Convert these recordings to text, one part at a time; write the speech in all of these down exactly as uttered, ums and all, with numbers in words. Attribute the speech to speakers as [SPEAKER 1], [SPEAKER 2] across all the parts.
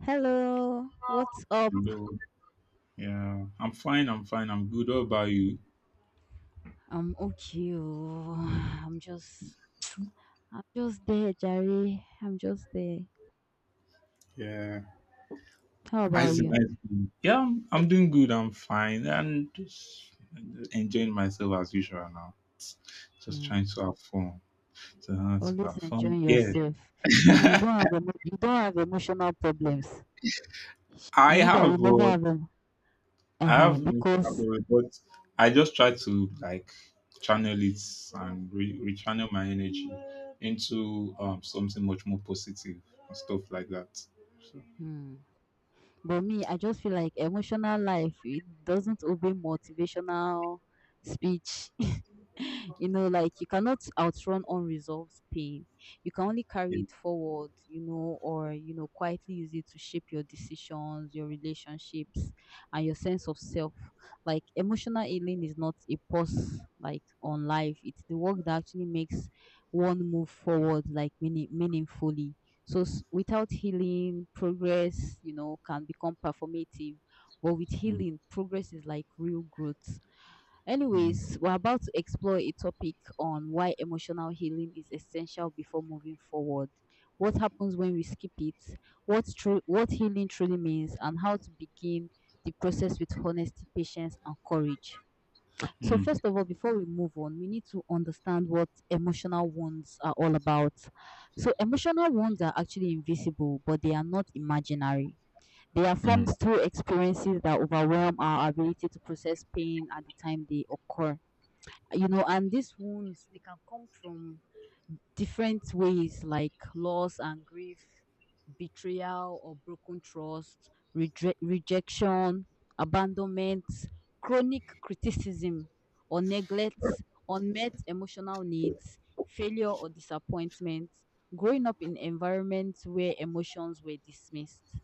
[SPEAKER 1] Hello, what's up?
[SPEAKER 2] Hello. Yeah, I'm fine. I'm fine. I'm good. What about you?
[SPEAKER 1] I'm okay. Oh. I'm just, I'm just there, Jerry. I'm just there.
[SPEAKER 2] Yeah.
[SPEAKER 1] How about
[SPEAKER 2] How's the
[SPEAKER 1] you?
[SPEAKER 2] night been? Yeah, I'm, I'm doing good. I'm fine. And just enjoying myself as usual now. Just
[SPEAKER 1] Mm.
[SPEAKER 2] trying to have fun. To have, to
[SPEAKER 1] Always
[SPEAKER 2] have fun.
[SPEAKER 1] enjoying
[SPEAKER 2] Yeah.
[SPEAKER 1] yourself. You, you don't have emo- you don't have emotional problems.
[SPEAKER 2] I
[SPEAKER 1] Is it that you
[SPEAKER 2] have,
[SPEAKER 1] never
[SPEAKER 2] but
[SPEAKER 1] have them?
[SPEAKER 2] I have
[SPEAKER 1] Uh
[SPEAKER 2] emotional
[SPEAKER 1] because,
[SPEAKER 2] problem, but I just try to like channel it and re- rechannel my energy into um something much more positive and stuff like that. So,
[SPEAKER 1] mm. But me, I just feel like emotional life it doesn't obey motivational speech. You know, like you cannot outrun unresolved pain. You can only
[SPEAKER 2] yeah.
[SPEAKER 1] carry it forward, you know, or, you know, quietly use it to shape your decisions, your relationships, and your sense of self. Like emotional healing is not a pause, like on life. It's the work that actually makes one move forward, like meaning, meaningfully. So s- without healing, progress, you know, can become performative. But with
[SPEAKER 2] Mm,
[SPEAKER 1] healing, progress is like real growth. Anyways, we're about to explore a topic on why emotional healing is essential before moving forward. What happens when we skip it? What true what healing truly means and how to begin the process with honesty, patience and courage. So
[SPEAKER 2] mm,
[SPEAKER 1] first of all, before we move on, we need to understand what emotional wounds are all about. So emotional wounds are actually invisible, but they are not imaginary. They are formed
[SPEAKER 2] mm.
[SPEAKER 1] through experiences that overwhelm our ability to process pain at the time they occur. You know and these wounds they can come from different ways like loss and grief, betrayal or broken trust, reje- rejection, abandonment, chronic criticism or neglect, unmet emotional needs, failure or disappointment, growing up in environments where emotions were dismissed.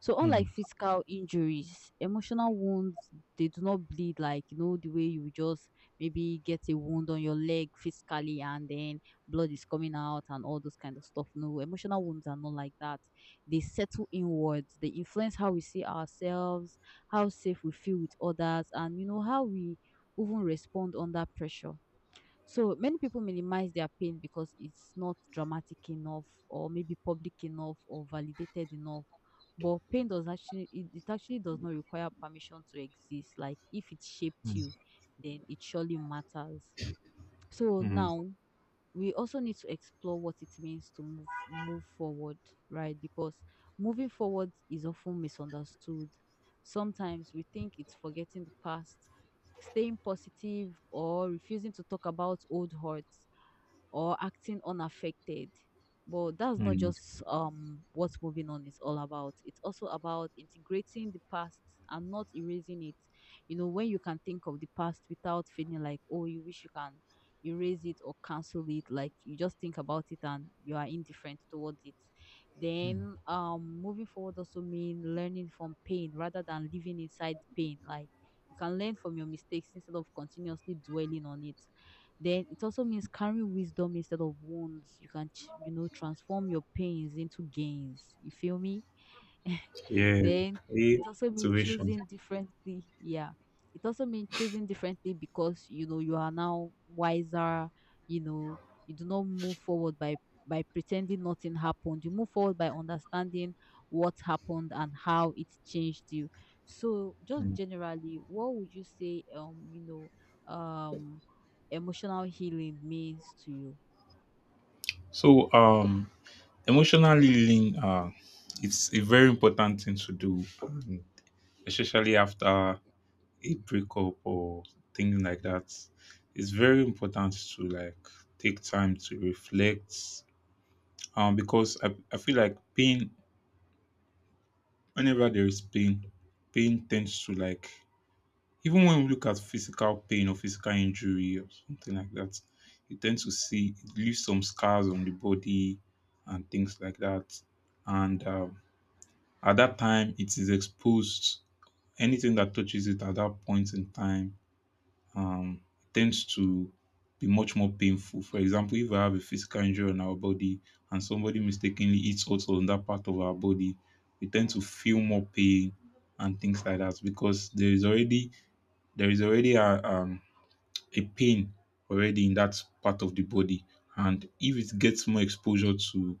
[SPEAKER 1] So
[SPEAKER 2] Hmm.
[SPEAKER 1] unlike physical injuries, emotional wounds they do not bleed, like you know the way you just maybe get a wound on your leg physically and then blood is coming out and all those kind of stuff. No, emotional wounds are not like that. They settle inwards. They influence how we see ourselves, how safe we feel with others, and you know how we even respond under pressure. So many people minimize their pain because it's not dramatic enough or maybe public enough or validated enough. But pain does actually it, it actually does not require permission to exist. Like if it shaped
[SPEAKER 2] Hmm.
[SPEAKER 1] you, then it surely matters. So
[SPEAKER 2] Hmm.
[SPEAKER 1] now we also need to explore what it means to move move forward, right? Because moving forward is often misunderstood. Sometimes we think it's forgetting the past, staying positive, or refusing to talk about old hurts or acting unaffected. But that's not
[SPEAKER 2] Hmm.
[SPEAKER 1] just um what moving on is all about. It's also about integrating the past and not erasing it. You know, when you can think of the past without feeling like, oh, you wish you can erase it or cancel it, like you just think about it and you are indifferent towards it.
[SPEAKER 2] mm.
[SPEAKER 1] Then um moving forward also mean learning from pain rather than living inside the pain. Like you can learn from your mistakes instead of continuously dwelling on it. Then it also means carrying wisdom instead of wounds. You can, ch- you know, transform your pains into gains. You feel me?
[SPEAKER 2] Yeah,
[SPEAKER 1] Then
[SPEAKER 2] yeah,
[SPEAKER 1] it also means
[SPEAKER 2] observation.
[SPEAKER 1] choosing differently. Yeah. It also means choosing differently because you know you are now wiser, you know, you do not move forward by by pretending nothing happened. You move forward by understanding what happened and how it changed you. So just
[SPEAKER 2] Mm.
[SPEAKER 1] generally, what would you say um, you know, um emotional healing means to you?
[SPEAKER 2] So, um, emotional healing, uh, it's a very important thing to do, um, especially after a breakup or things like that. It's very important to like take time to reflect, um, because I, I feel like pain. Whenever there is pain, pain tends to like. Even when we look at physical pain or physical injury or something like that, you tend to see it leaves some scars on the body and things like that. And um, at that time, it is exposed. Anything that touches it at that point in time um, tends to be much more painful. For example, if we have a physical injury on our body and somebody mistakenly hits us on that part of our body, we tend to feel more pain and things like that because there is already there is already a um, a pain already in that part of the body. And if it gets more exposure to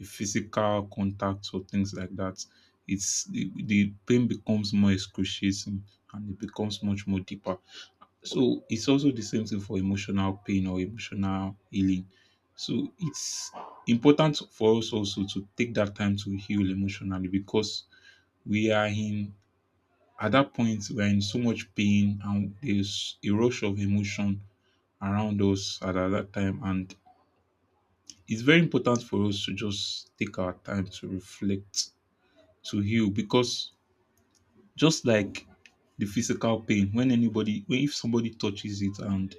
[SPEAKER 2] a physical contact or things like that, it's the, the pain becomes more excruciating and it becomes much more deeper. So it's also the same thing for emotional pain or emotional healing. So it's important for us also to take that time to heal emotionally because we are in at that point we are in so much pain and there's a rush of emotion around us at at that time. And it's very important for us to just take our time to reflect, to heal, because just like the physical pain, when anybody, when if somebody touches it and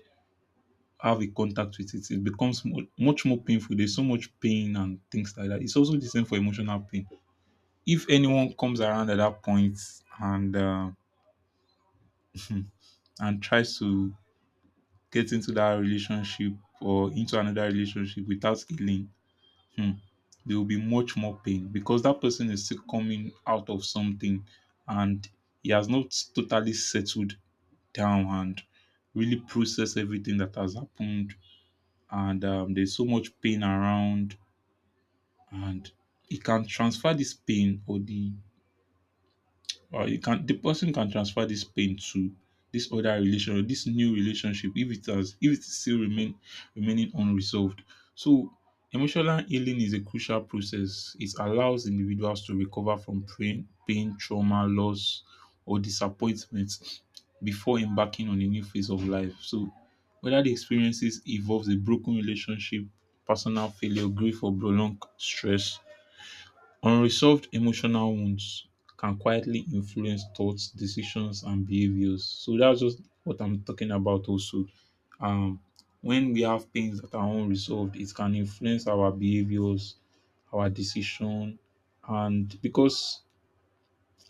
[SPEAKER 2] have a contact with it, it becomes mo- much more painful. There's so much pain and things like that. It's also the same for emotional pain. If anyone comes around at that point and uh, and tries to get into that relationship or into another relationship without healing. Hmm. There will be much more pain because that person is still coming out of something and he has not totally settled down and really processed everything that has happened. And um, there's so much pain around, and he can transfer this pain or the or you can the person can transfer this pain to this other relation or this new relationship if it has if it still remain remaining unresolved. So emotional healing is a crucial process. It allows individuals to recover from pain pain, trauma, loss or disappointment before embarking on a new phase of life. So whether the experiences involves a broken relationship, personal failure, grief or prolonged stress, unresolved emotional wounds can quietly influence thoughts, decisions, and behaviors. So that's just what I'm talking about also. Um, when we have pains that are unresolved, it can influence our behaviors, our decision, and because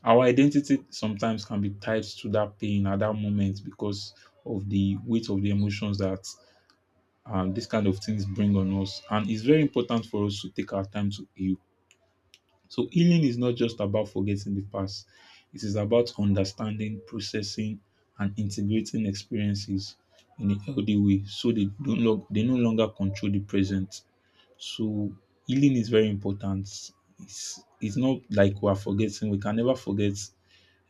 [SPEAKER 2] our identity sometimes can be tied to that pain at that moment because of the weight of the emotions that um, this kind of things bring on us. And it's very important for us to take our time to heal. So healing is not just about forgetting the past. It is about understanding, processing, and integrating experiences in a healthy way so they don't lo- they no longer control the present. So healing is very important. It's it's not like we are forgetting. We can never forget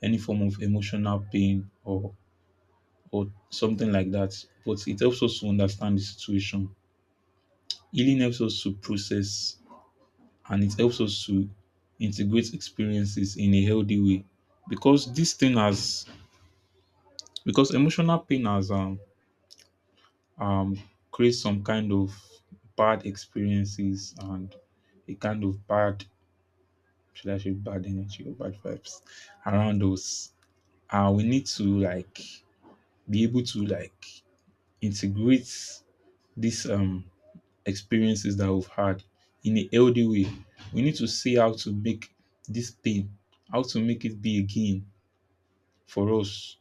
[SPEAKER 2] any form of emotional pain or or something like that. But it helps us to understand the situation. Healing helps us to process and it helps us to integrate experiences in a healthy way because this thing has because emotional pain has um, um creates some kind of bad experiences and a kind of bad, should I say, bad energy or bad vibes around us, and we need to like be able to like integrate these um experiences that we've had in a healthy way. We need to see how to make this pain, how to make it be again for us.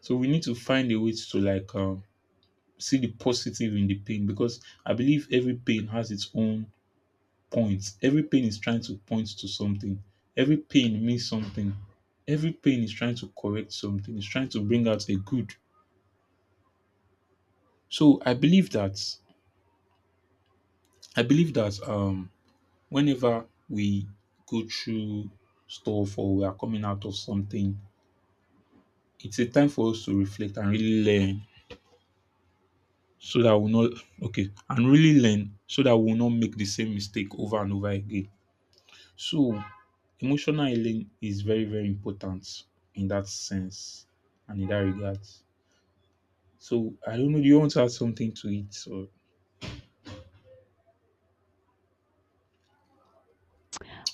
[SPEAKER 2] So we need to find a way to like um, see the positive in the pain because I believe every pain has its own points. Every pain is trying to point to something. Every pain means something. Every pain is trying to correct something. It's trying to bring out a good. So I believe that I believe that um whenever we go through stuff or we are coming out of something, it's a time for us to reflect and really learn so that we'll not, okay, and really learn so that we'll not make the same mistake over and over again. So emotional healing is very, very important in that sense and in that regard. So I don't know, do you want to add something to it or.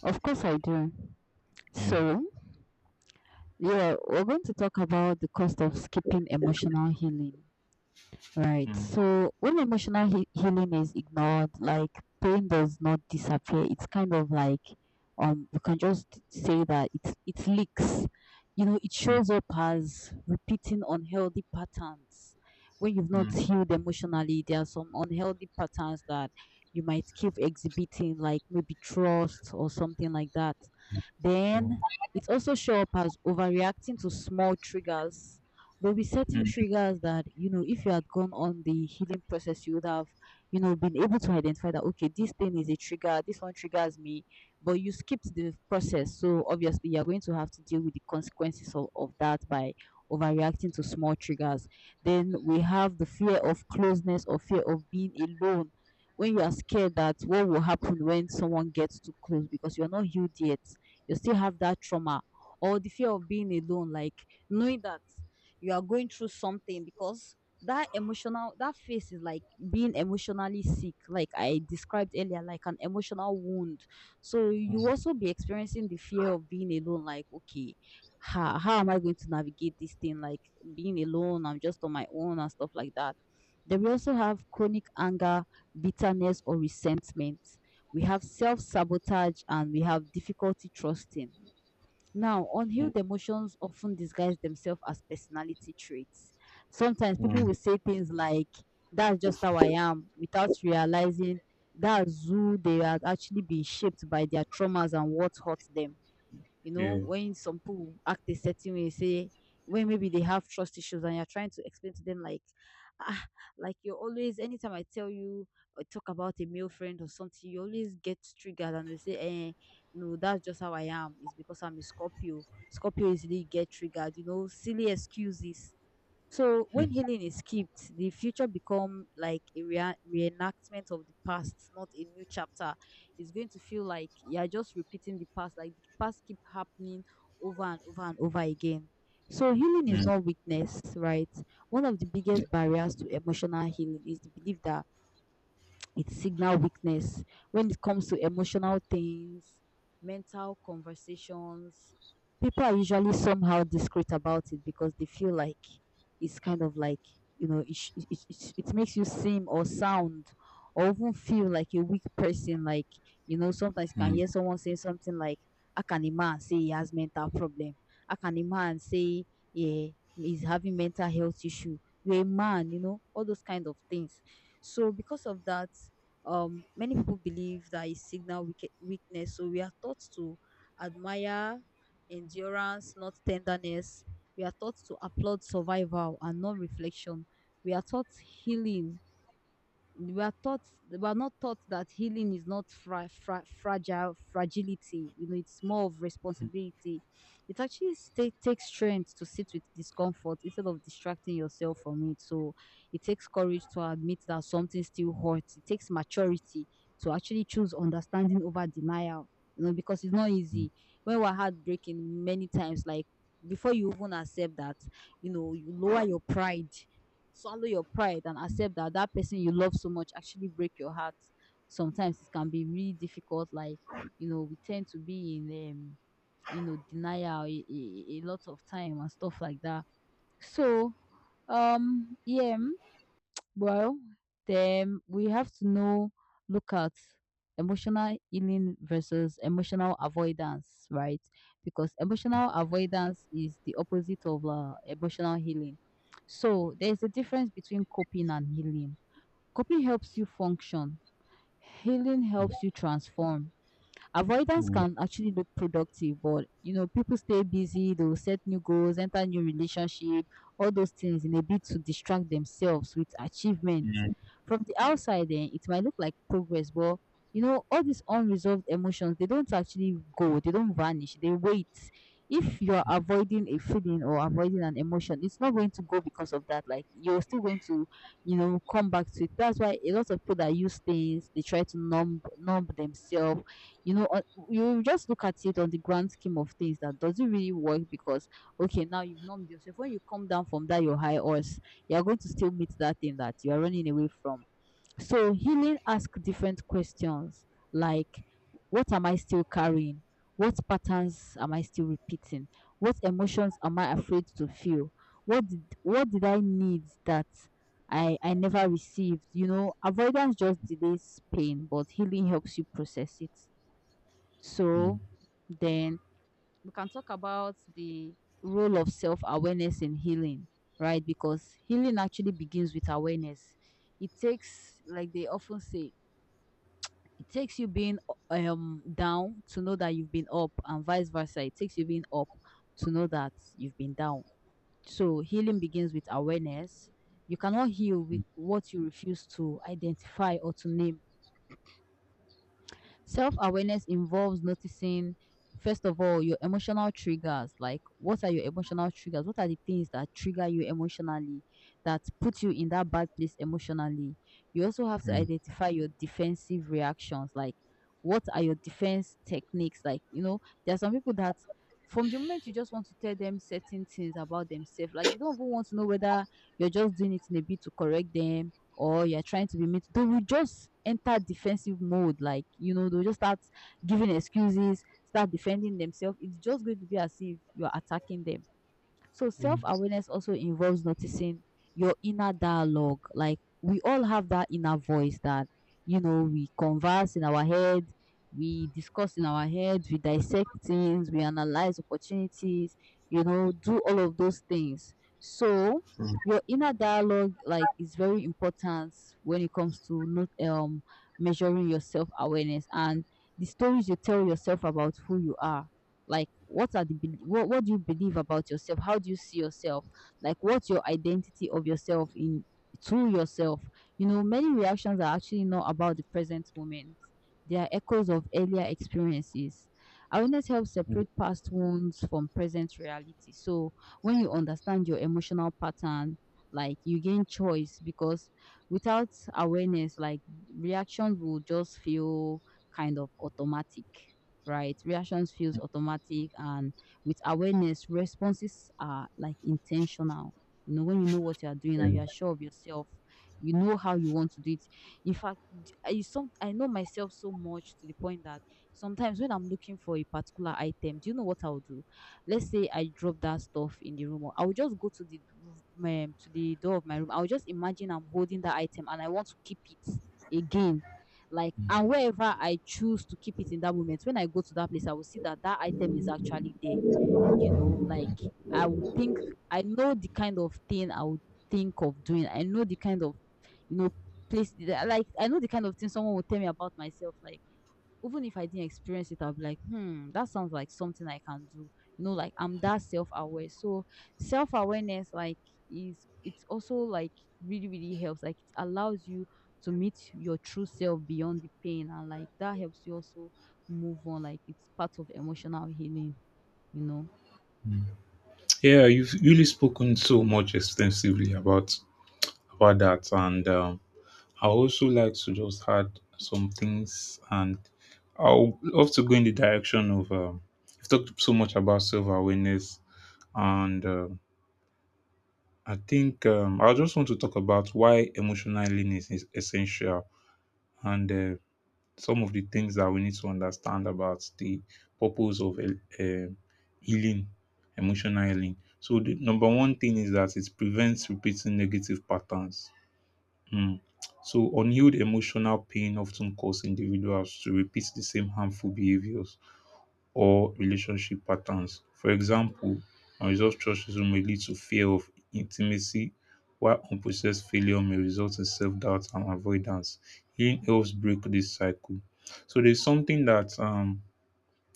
[SPEAKER 1] Of course, I do.
[SPEAKER 2] Yeah.
[SPEAKER 1] So, yeah, we're going to talk about the cost of skipping emotional healing. Right.
[SPEAKER 2] Mm,
[SPEAKER 1] So when emotional he- healing is ignored, like pain does not disappear. It's kind of like um you can just say that it it leaks. You know, it
[SPEAKER 2] mm,
[SPEAKER 1] shows up as repeating unhealthy patterns. When you've not
[SPEAKER 2] mm,
[SPEAKER 1] healed emotionally, there are some unhealthy patterns that you might keep exhibiting, like maybe trust or something like that.
[SPEAKER 2] mm,
[SPEAKER 1] Then it also show up as overreacting to small triggers. There'll be certain
[SPEAKER 2] mm,
[SPEAKER 1] triggers that, you know if you had gone on the healing process, you would have, you know been able to identify that, okay, this thing is a trigger, this one triggers me. But you skipped the process, so obviously you're going to have to deal with the consequences of, of that by overreacting to small triggers. Then we have the fear of closeness or fear of being alone. When you are scared that what will happen when someone gets too close because you're not healed yet, you still have that trauma. Or the fear of being alone, like knowing that you are going through something because that emotional that phase is like being emotionally sick, like I described earlier, like an emotional wound. So you
[SPEAKER 2] mm,
[SPEAKER 1] also be experiencing the fear of being alone, like, okay, how, how am I going to navigate this thing, like being alone, I'm just on my own and stuff like that. Then we also have chronic anger, bitterness or resentment. We have self-sabotage, and we have difficulty trusting. Now, unhealed emotions often disguise themselves as personality traits. Sometimes people
[SPEAKER 2] mm,
[SPEAKER 1] will say things like, that's just how I am, without realizing that's who they are actually being shaped by their traumas and what hurts them. You know,
[SPEAKER 2] yeah.
[SPEAKER 1] when some people act a certain way, say, when maybe they have trust issues and you're trying to explain to them, like, ah, like you're always, anytime I tell you or talk about a male friend or something, you always get triggered and you say, eh, no, that's just how I am. It's because I'm a Scorpio. Scorpio easily get triggered, you know, silly excuses. So
[SPEAKER 2] Mm, mm,
[SPEAKER 1] when
[SPEAKER 2] yeah.
[SPEAKER 1] healing is skipped, the future become like a rea- reenactment of the past, not a new chapter. It's going to feel like you're just repeating the past, like the past keep happening over and over and over again. So healing is
[SPEAKER 2] Mm,
[SPEAKER 1] not weakness, right? One of the biggest barriers to emotional healing is the belief that it signal weakness when it comes to emotional things, mental conversations. People are usually somehow discreet about it because they feel like it's kind of like you know it sh- it, it, it it makes you seem or sound or even feel like a weak person. Like you know sometimes you can
[SPEAKER 2] mm,
[SPEAKER 1] hear someone saying something like, "I can imagine say he has mental problem." I can imagine say, yeah, he's having mental health issue. You're a man, you know all those kind of things. So because of that, um, many people believe that it signal weak- weakness. So we are taught to admire endurance, not tenderness. We are taught to applaud survival and not reflection. We are taught healing we are taught we are not taught that healing is not fra- fra- fragile fragility. You know it's more of responsibility. It actually sta- takes strength to sit with discomfort instead of distracting yourself from it. So it takes courage to admit that something still hurts. It takes maturity to actually choose understanding over denial, you know because it's not
[SPEAKER 2] mm,
[SPEAKER 1] easy. When we're heartbreaking many times, like before you even accept that, you know you lower your pride, swallow your pride, and accept that that person you love so much actually break your heart. Sometimes it can be really difficult, like you know we tend to be in um you know denial a, a, a lot of time and stuff like that. So um yeah, well, then we have to know, look at emotional healing versus emotional avoidance, right? Because emotional avoidance is the opposite of uh, emotional healing. So there's a difference between coping and healing. Coping helps you function, healing helps you transform.
[SPEAKER 2] mm,
[SPEAKER 1] Avoidance
[SPEAKER 2] mm,
[SPEAKER 1] can actually look productive, but you know, people stay busy, they will set new goals, enter new relationship, all those things in a bid to distract themselves with achievement. From the outside, then it might look like progress, but you know, all these unresolved emotions, they don't actually go, they don't vanish, they wait. If you're avoiding a feeling or avoiding an emotion, it's not going to go because of that. Like you're still going to you know, come back to it. That's why a lot of people that use things, they try to numb numb themselves. You know, uh, you just look at it on the grand scheme of things, that does not really work because, okay, now you've numbed yourself. When you come down from that your high horse, you're going to still meet that thing that you are running away from. So healing asks different questions, like what am I still carrying? What patterns am I still repeating? What emotions am I afraid to feel? What did what did I need that I I never received? You know, avoidance just delays pain, but healing helps you process it.
[SPEAKER 2] mm,
[SPEAKER 1] So then we can talk about the role of self awareness in healing, right? Because healing actually begins with awareness. It takes, like they often say, it takes you being um down to know that you've been up, and vice versa. It takes you being up to know that you've been down. So healing begins with awareness. You cannot heal with what you refuse to identify or to name. Self awareness involves noticing, first of all, your emotional triggers. Like, what are your emotional triggers? What are the things that trigger you emotionally, that put you in that bad place emotionally? You also have
[SPEAKER 2] mm,
[SPEAKER 1] to
[SPEAKER 2] mm,
[SPEAKER 1] identify your defensive reactions. Like, what are your defense techniques? Like, you know, there are some people that from the moment you just want to tell them certain things about themselves, like they don't even want to know whether you're just doing it in a bit to correct them or you're trying to be mean, they will just enter defensive mode. Like, you know, they'll just start giving excuses, start defending themselves. It's just going to be as if you're attacking them. So self awareness also involves noticing your inner dialogue. Like, we all have that inner voice that, you know, we converse in our head, we discuss in our head, we dissect things, we analyze opportunities, you know, do all of those things. So
[SPEAKER 2] mm,
[SPEAKER 1] your inner dialogue like is very important when it comes to not um measuring your self awareness and the stories you tell yourself about who you are. Like, what are the bel- what what do you believe about yourself? How do you see yourself? Like, what's your identity of yourself in to yourself? You know, many reactions are actually not about the present moment. They are echoes of earlier experiences. Awareness helps
[SPEAKER 2] mm.
[SPEAKER 1] separate past wounds from present reality. So when you understand your emotional pattern, like you gain choice, because without awareness, like reactions will just feel kind of automatic, right? Reactions feels automatic, and with awareness, responses are like intentional. You know, when you know what you are doing
[SPEAKER 2] Yeah.
[SPEAKER 1] and you are sure of yourself, you know how you want to do it. In fact, d- I some I know myself so much to the point that sometimes when I'm looking for a particular item, do you know what I'll do? Let's say I drop that stuff in the room, or I will just go to the r- my, to the door of my room. I will just imagine I'm holding that item and I want to keep it again, like, and wherever I choose to keep it in that moment, when I go to that place, I will see that that item is actually there. You know, like, I would think I know the kind of thing I would think of doing. I know the kind of, you know, place. Like, I know the kind of thing someone will tell me about myself. Like, even if I didn't experience it, I'll be like, hmm, that sounds like something I can do. You know, like, I'm that self aware. So self awareness, like, is it's also like really, really helps. Like, it allows you to meet your true self beyond the pain, and like that helps you also move on. Like, it's part of emotional healing. You know.
[SPEAKER 2] Yeah, you've really spoken so much extensively about about that. And um, I also like to just add some things, and I'll love to go in the direction of. Um, we've talked so much about self awareness, and um I think um, I just want to talk about why emotional learning is essential and uh, some of the things that we need to understand about the purpose of uh, healing, emotional healing. So, the number one thing is that it prevents repeating negative patterns. Mm. So, unhealed emotional pain often causes individuals to repeat the same harmful behaviors or relationship patterns. For example, unresolved trust issues may lead to fear of intimacy, while unprocessed failure may result in self doubt and avoidance. Healing helps break this cycle. So, there's something that um,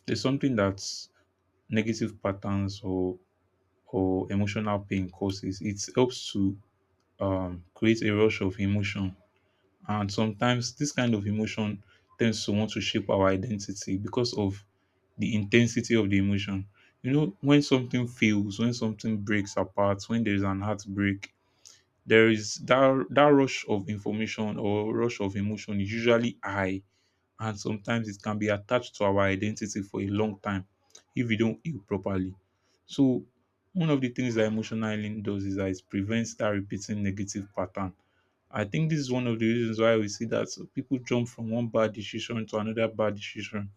[SPEAKER 2] there's something that negative patterns or or emotional pain causes. It helps to um, create a rush of emotion, and sometimes this kind of emotion tends to want to shape our identity because of the intensity of the emotion. You know, when something fails, when something breaks apart, when there is an heartbreak, there is that that rush of information or rush of emotion is usually high, and sometimes it can be attached to our identity for a long time if we don't heal properly. So, one of the things that emotional healing does is that it prevents that repeating negative pattern. I think this is one of the reasons why we see that people jump from one bad decision to another bad decision.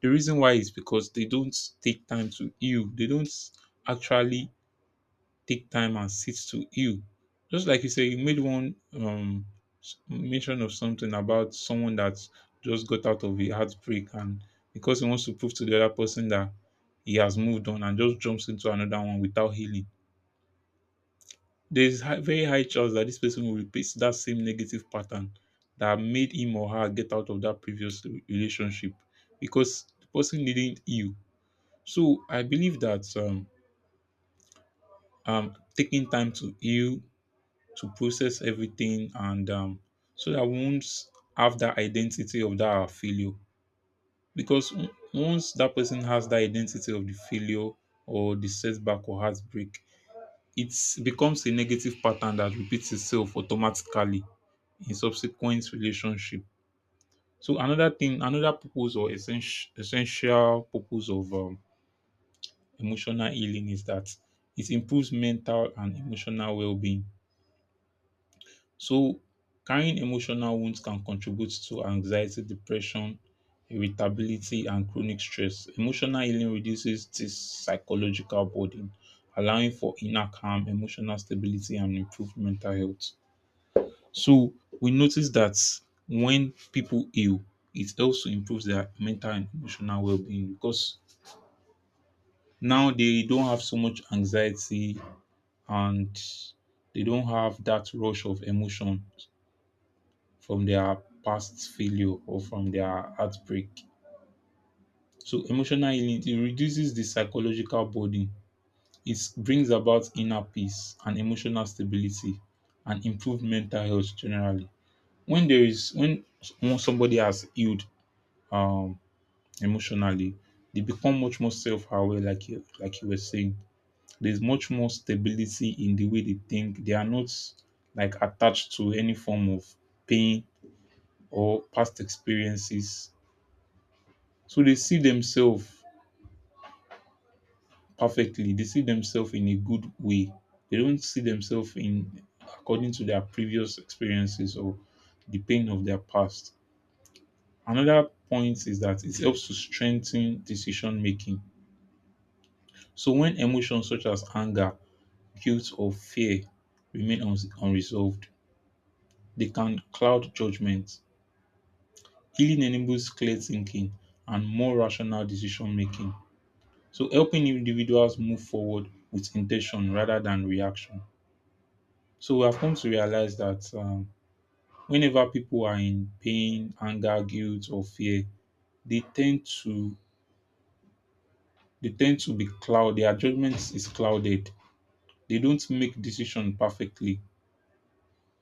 [SPEAKER 2] The reason why is because they don't take time to heal. They don't actually take time and sit to heal. Just like you say, you made one um, s- mention of something about someone that just got out of a heartbreak, and because he wants to prove to the other person that he has moved on and just jumps into another one without healing. There is high, very high chance that this person will repeat that same negative pattern that made him or her get out of that previous re- relationship because the person didn't heal. So I believe that um, um taking time to heal, to process everything, and um, so that we won't have that identity of that our failure. Because on- once that person has that identity of the failure or the setback or heartbreak, it becomes a negative pattern that repeats itself automatically in subsequent relationship. So another thing, another purpose or essential essential purpose of um, emotional healing is that it improves mental and emotional well-being. So carrying emotional wounds can contribute to anxiety, depression, irritability, and chronic stress. Emotional healing reduces this psychological burden, allowing for inner calm, emotional stability, and improved mental health. So we notice that when people heal, it helps to improve their mental and emotional well being because now they don't have so much anxiety, and they don't have that rush of emotion from their past failure or from their heartbreak. So emotional healing, it reduces the psychological burden. It brings about inner peace and emotional stability and improved mental health generally. When there is when s- when somebody has healed, um emotionally, they become much more self-aware, like you, like you were saying. There's much more stability in the way they think. They are not like attached to any form of pain or past experiences. So they see themselves perfectly. They see themselves in a good way. They don't see themselves in according to their previous experiences or the pain of their past. Another point is that it helps to strengthen decision making. So when emotions such as anger, guilt or fear remain uns- unresolved, they can cloud judgment. Healing enables clear thinking and more rational decision making. So, helping individuals move forward with intention rather than reaction. So, we have come to realize that um, whenever people are in pain, anger, guilt, or fear, they tend to they tend to be cloud. Their judgment is clouded. They don't make decision perfectly.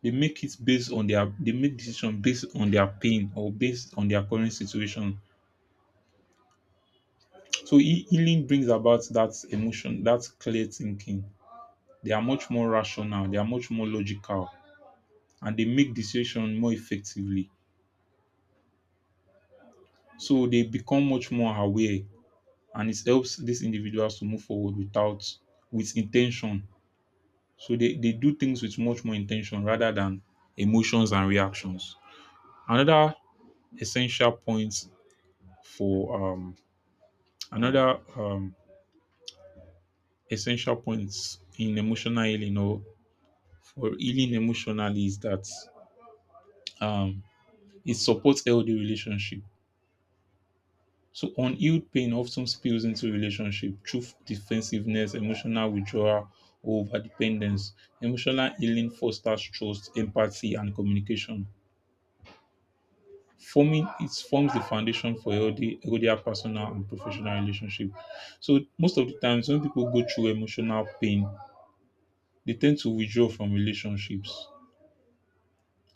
[SPEAKER 2] They make it based on their, they make decision based on their pain or based on their current situation. So healing brings about that emotion, that clear thinking. They are much more rational, they are much more logical, and they make decision more effectively. So they become much more aware, and it helps these individuals to move forward without with intention. So they, they do things with much more intention rather than emotions and reactions. Another essential point for um another um essential points in emotional healing or for healing emotionally is that um, it supports healthy relationship. So unhealed pain often spills into relationship through defensiveness, emotional withdrawal, or overdependence. Emotional healing fosters trust, empathy, and communication. Forming it forms the foundation for healthy, healthier personal and professional relationship. So most of the times when people go through emotional pain, they tend to withdraw from relationships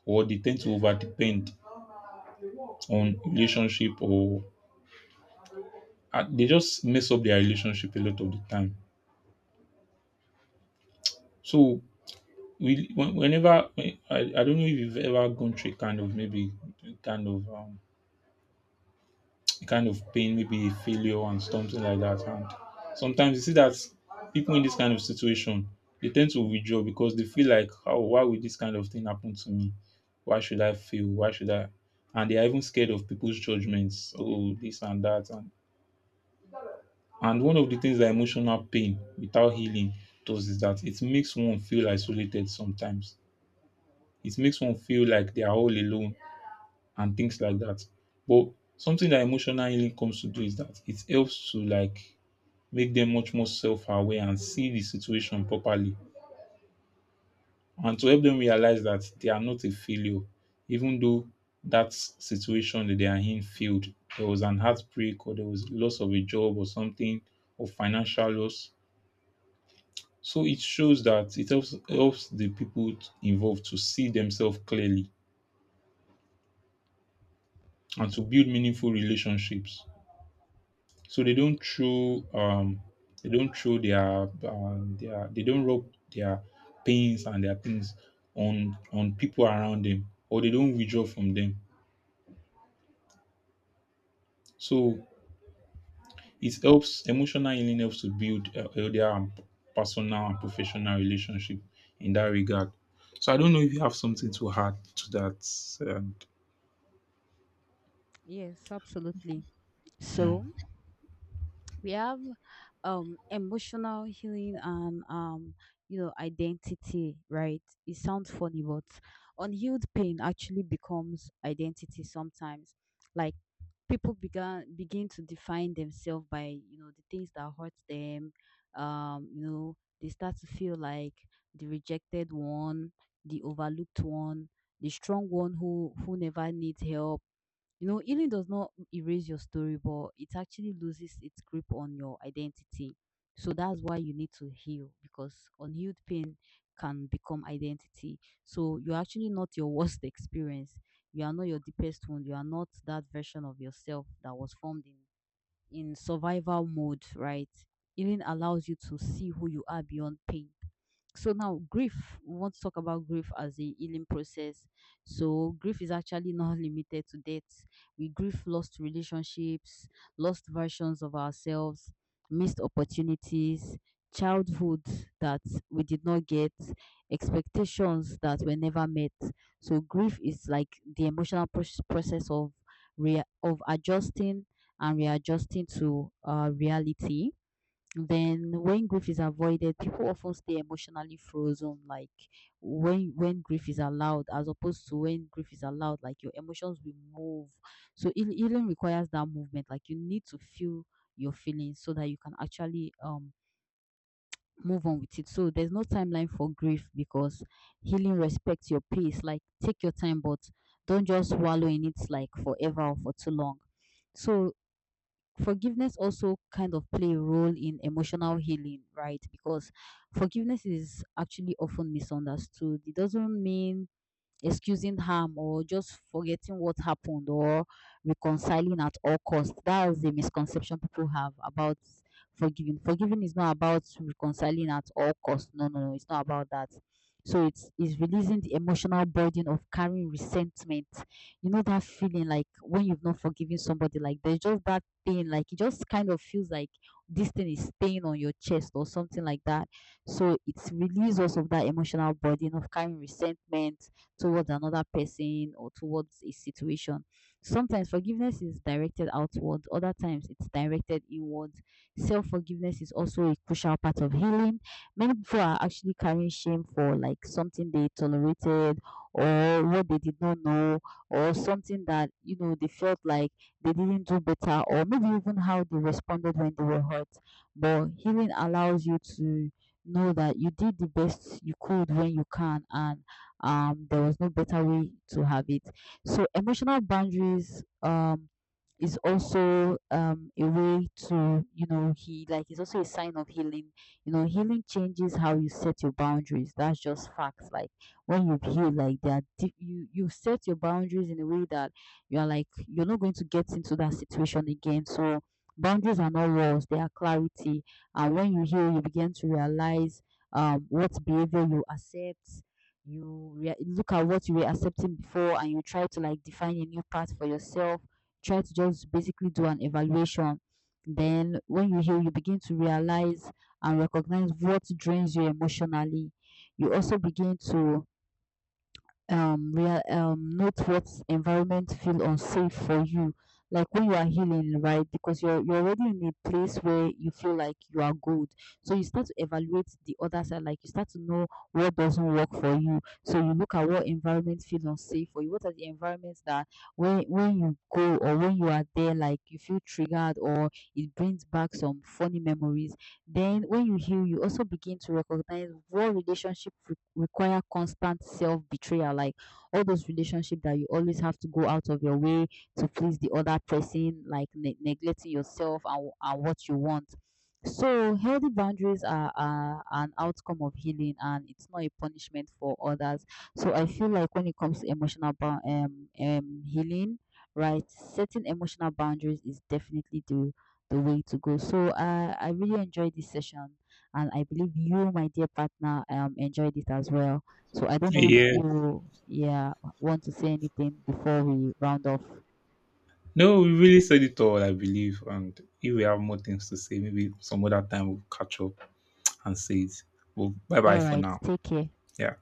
[SPEAKER 2] or they tend to over depend on relationship or uh, they just mess up their relationship a lot of the time. So we when- whenever I, I don't know if you've ever gone through a kind of maybe a kind of um, a kind of pain, maybe a failure and something like that. And sometimes you see that people in this kind of situation, they tend to withdraw because they feel like, oh, why would this kind of thing happen to me? Why should I fail? Why should I? And they are even scared of people's judgments. Oh, this and that. And And one of the things that emotional pain without healing does is that it makes one feel isolated sometimes. It makes one feel like they are all alone and things like that. But something that emotional healing comes to do is that it helps to like make them much more self-aware and see the situation properly and to help them realize that they are not a failure, even though that situation that they are in failed. There was an heartbreak, or there was loss of a job or something or financial loss. So it shows that it helps helps the people involved to see themselves clearly and to build meaningful relationships. So they don't throw um they don't throw their uh, their they don't rub their pains and their things on on people around them or they don't withdraw from them. So it helps, emotional healing helps to build uh, healthier and personal and professional relationship in that regard. So I don't know if you have something to add to that. Um,
[SPEAKER 1] Yes, absolutely. So we have um emotional healing and, um you know, identity, right? It sounds funny, but unhealed pain actually becomes identity sometimes. Like, people began begin to define themselves by, you know, the things that hurt them. um you know, they start to feel like the rejected one, the overlooked one, the strong one who who never needs help. You know, healing does not erase your story, but it actually loses its grip on your identity. So that's why you need to heal, because unhealed pain can become identity. So you're actually not your worst experience. You are not your deepest wound. You are not that version of yourself that was formed in, in survival mode, right? Healing allows you to see who you are beyond pain. So now grief, we want to talk about grief as a healing process. So grief is actually not limited to death. We grieve lost relationships, lost versions of ourselves, missed opportunities, childhood that we did not get, expectations that were never met. So grief is like the emotional proc- process of rea- of adjusting and readjusting to uh, reality. Then when grief is avoided, people often stay emotionally frozen. Like, when when grief is allowed, as opposed to when grief is allowed, like your emotions will move. So it healing requires that movement. Like, you need to feel your feelings so that you can actually um move on with it. So there's no timeline for grief, because healing respects your pace. Like, take your time, but don't just wallow in it like forever or for too long. So forgiveness also kind of play a role in emotional healing, right? Because forgiveness is actually often misunderstood. It doesn't mean excusing harm or just forgetting what happened or reconciling at all costs. That is the misconception people have about forgiving. Forgiving is not about reconciling at all costs. No, no, no, it's not about that. So it's it's releasing the emotional burden of carrying resentment. You know that feeling like when you've not forgiven somebody, like there's just that thing, like it just kind of feels like this thing is staying on your chest or something like that. So it's release also of that emotional burden of carrying resentment towards another person or towards a situation. Sometimes forgiveness is directed outwards, other times it's directed inwards. Self forgiveness is also a crucial part of healing. Many people are actually carrying shame for like something they tolerated or what they did not know or something that, you know, they felt like they didn't do better, or maybe even how they responded when they were hurt. But healing allows you to know that you did the best you could when you can, and um there was no better way to have it. So emotional boundaries, um is also um a way to, you know, he like, it's also a sign of healing. You know, healing changes how you set your boundaries. That's just facts. Like, when you heal like that, you you set your boundaries in a way that you're like you're not going to get into that situation again. So boundaries are not walls, they are clarity. And when you heal, you begin to realize um what behavior you accept. You rea- look at what you were accepting before and you try to like define a new path for yourself, try to just basically do an evaluation. Then when you heal, you begin to realize and recognize what drains you emotionally. You also begin to um real um note what environment feel unsafe for you. Like, when you are healing, right? Because you're you're already in a place where you feel like you are good. So you start to evaluate the other side. Like, you start to know what doesn't work for you, so you look at what environment feels unsafe for you, what are the environments that when when you go or when you are there, like you feel triggered or it brings back some funny memories. Then, when you heal, you also begin to recognize what relationship re- require constant self betrayal. Like, all those relationships that you always have to go out of your way to please the other person, like ne- neglecting yourself and, and what you want. So, healthy boundaries are, are an outcome of healing, and it's not a punishment for others. So, I feel like when it comes to emotional bou- um, um, healing, right, setting emotional boundaries is definitely the the way to go. So uh, I really enjoyed this session, and I believe you, my dear partner, um, enjoyed it as well. So I don't know if
[SPEAKER 2] yeah.
[SPEAKER 1] you, yeah, want to say anything before we round off.
[SPEAKER 2] No, we really said it all, I believe. And if we have more things to say, maybe some other time we'll catch up and say it. Well, bye bye
[SPEAKER 1] All
[SPEAKER 2] for
[SPEAKER 1] right,
[SPEAKER 2] now.
[SPEAKER 1] take care.
[SPEAKER 2] Yeah.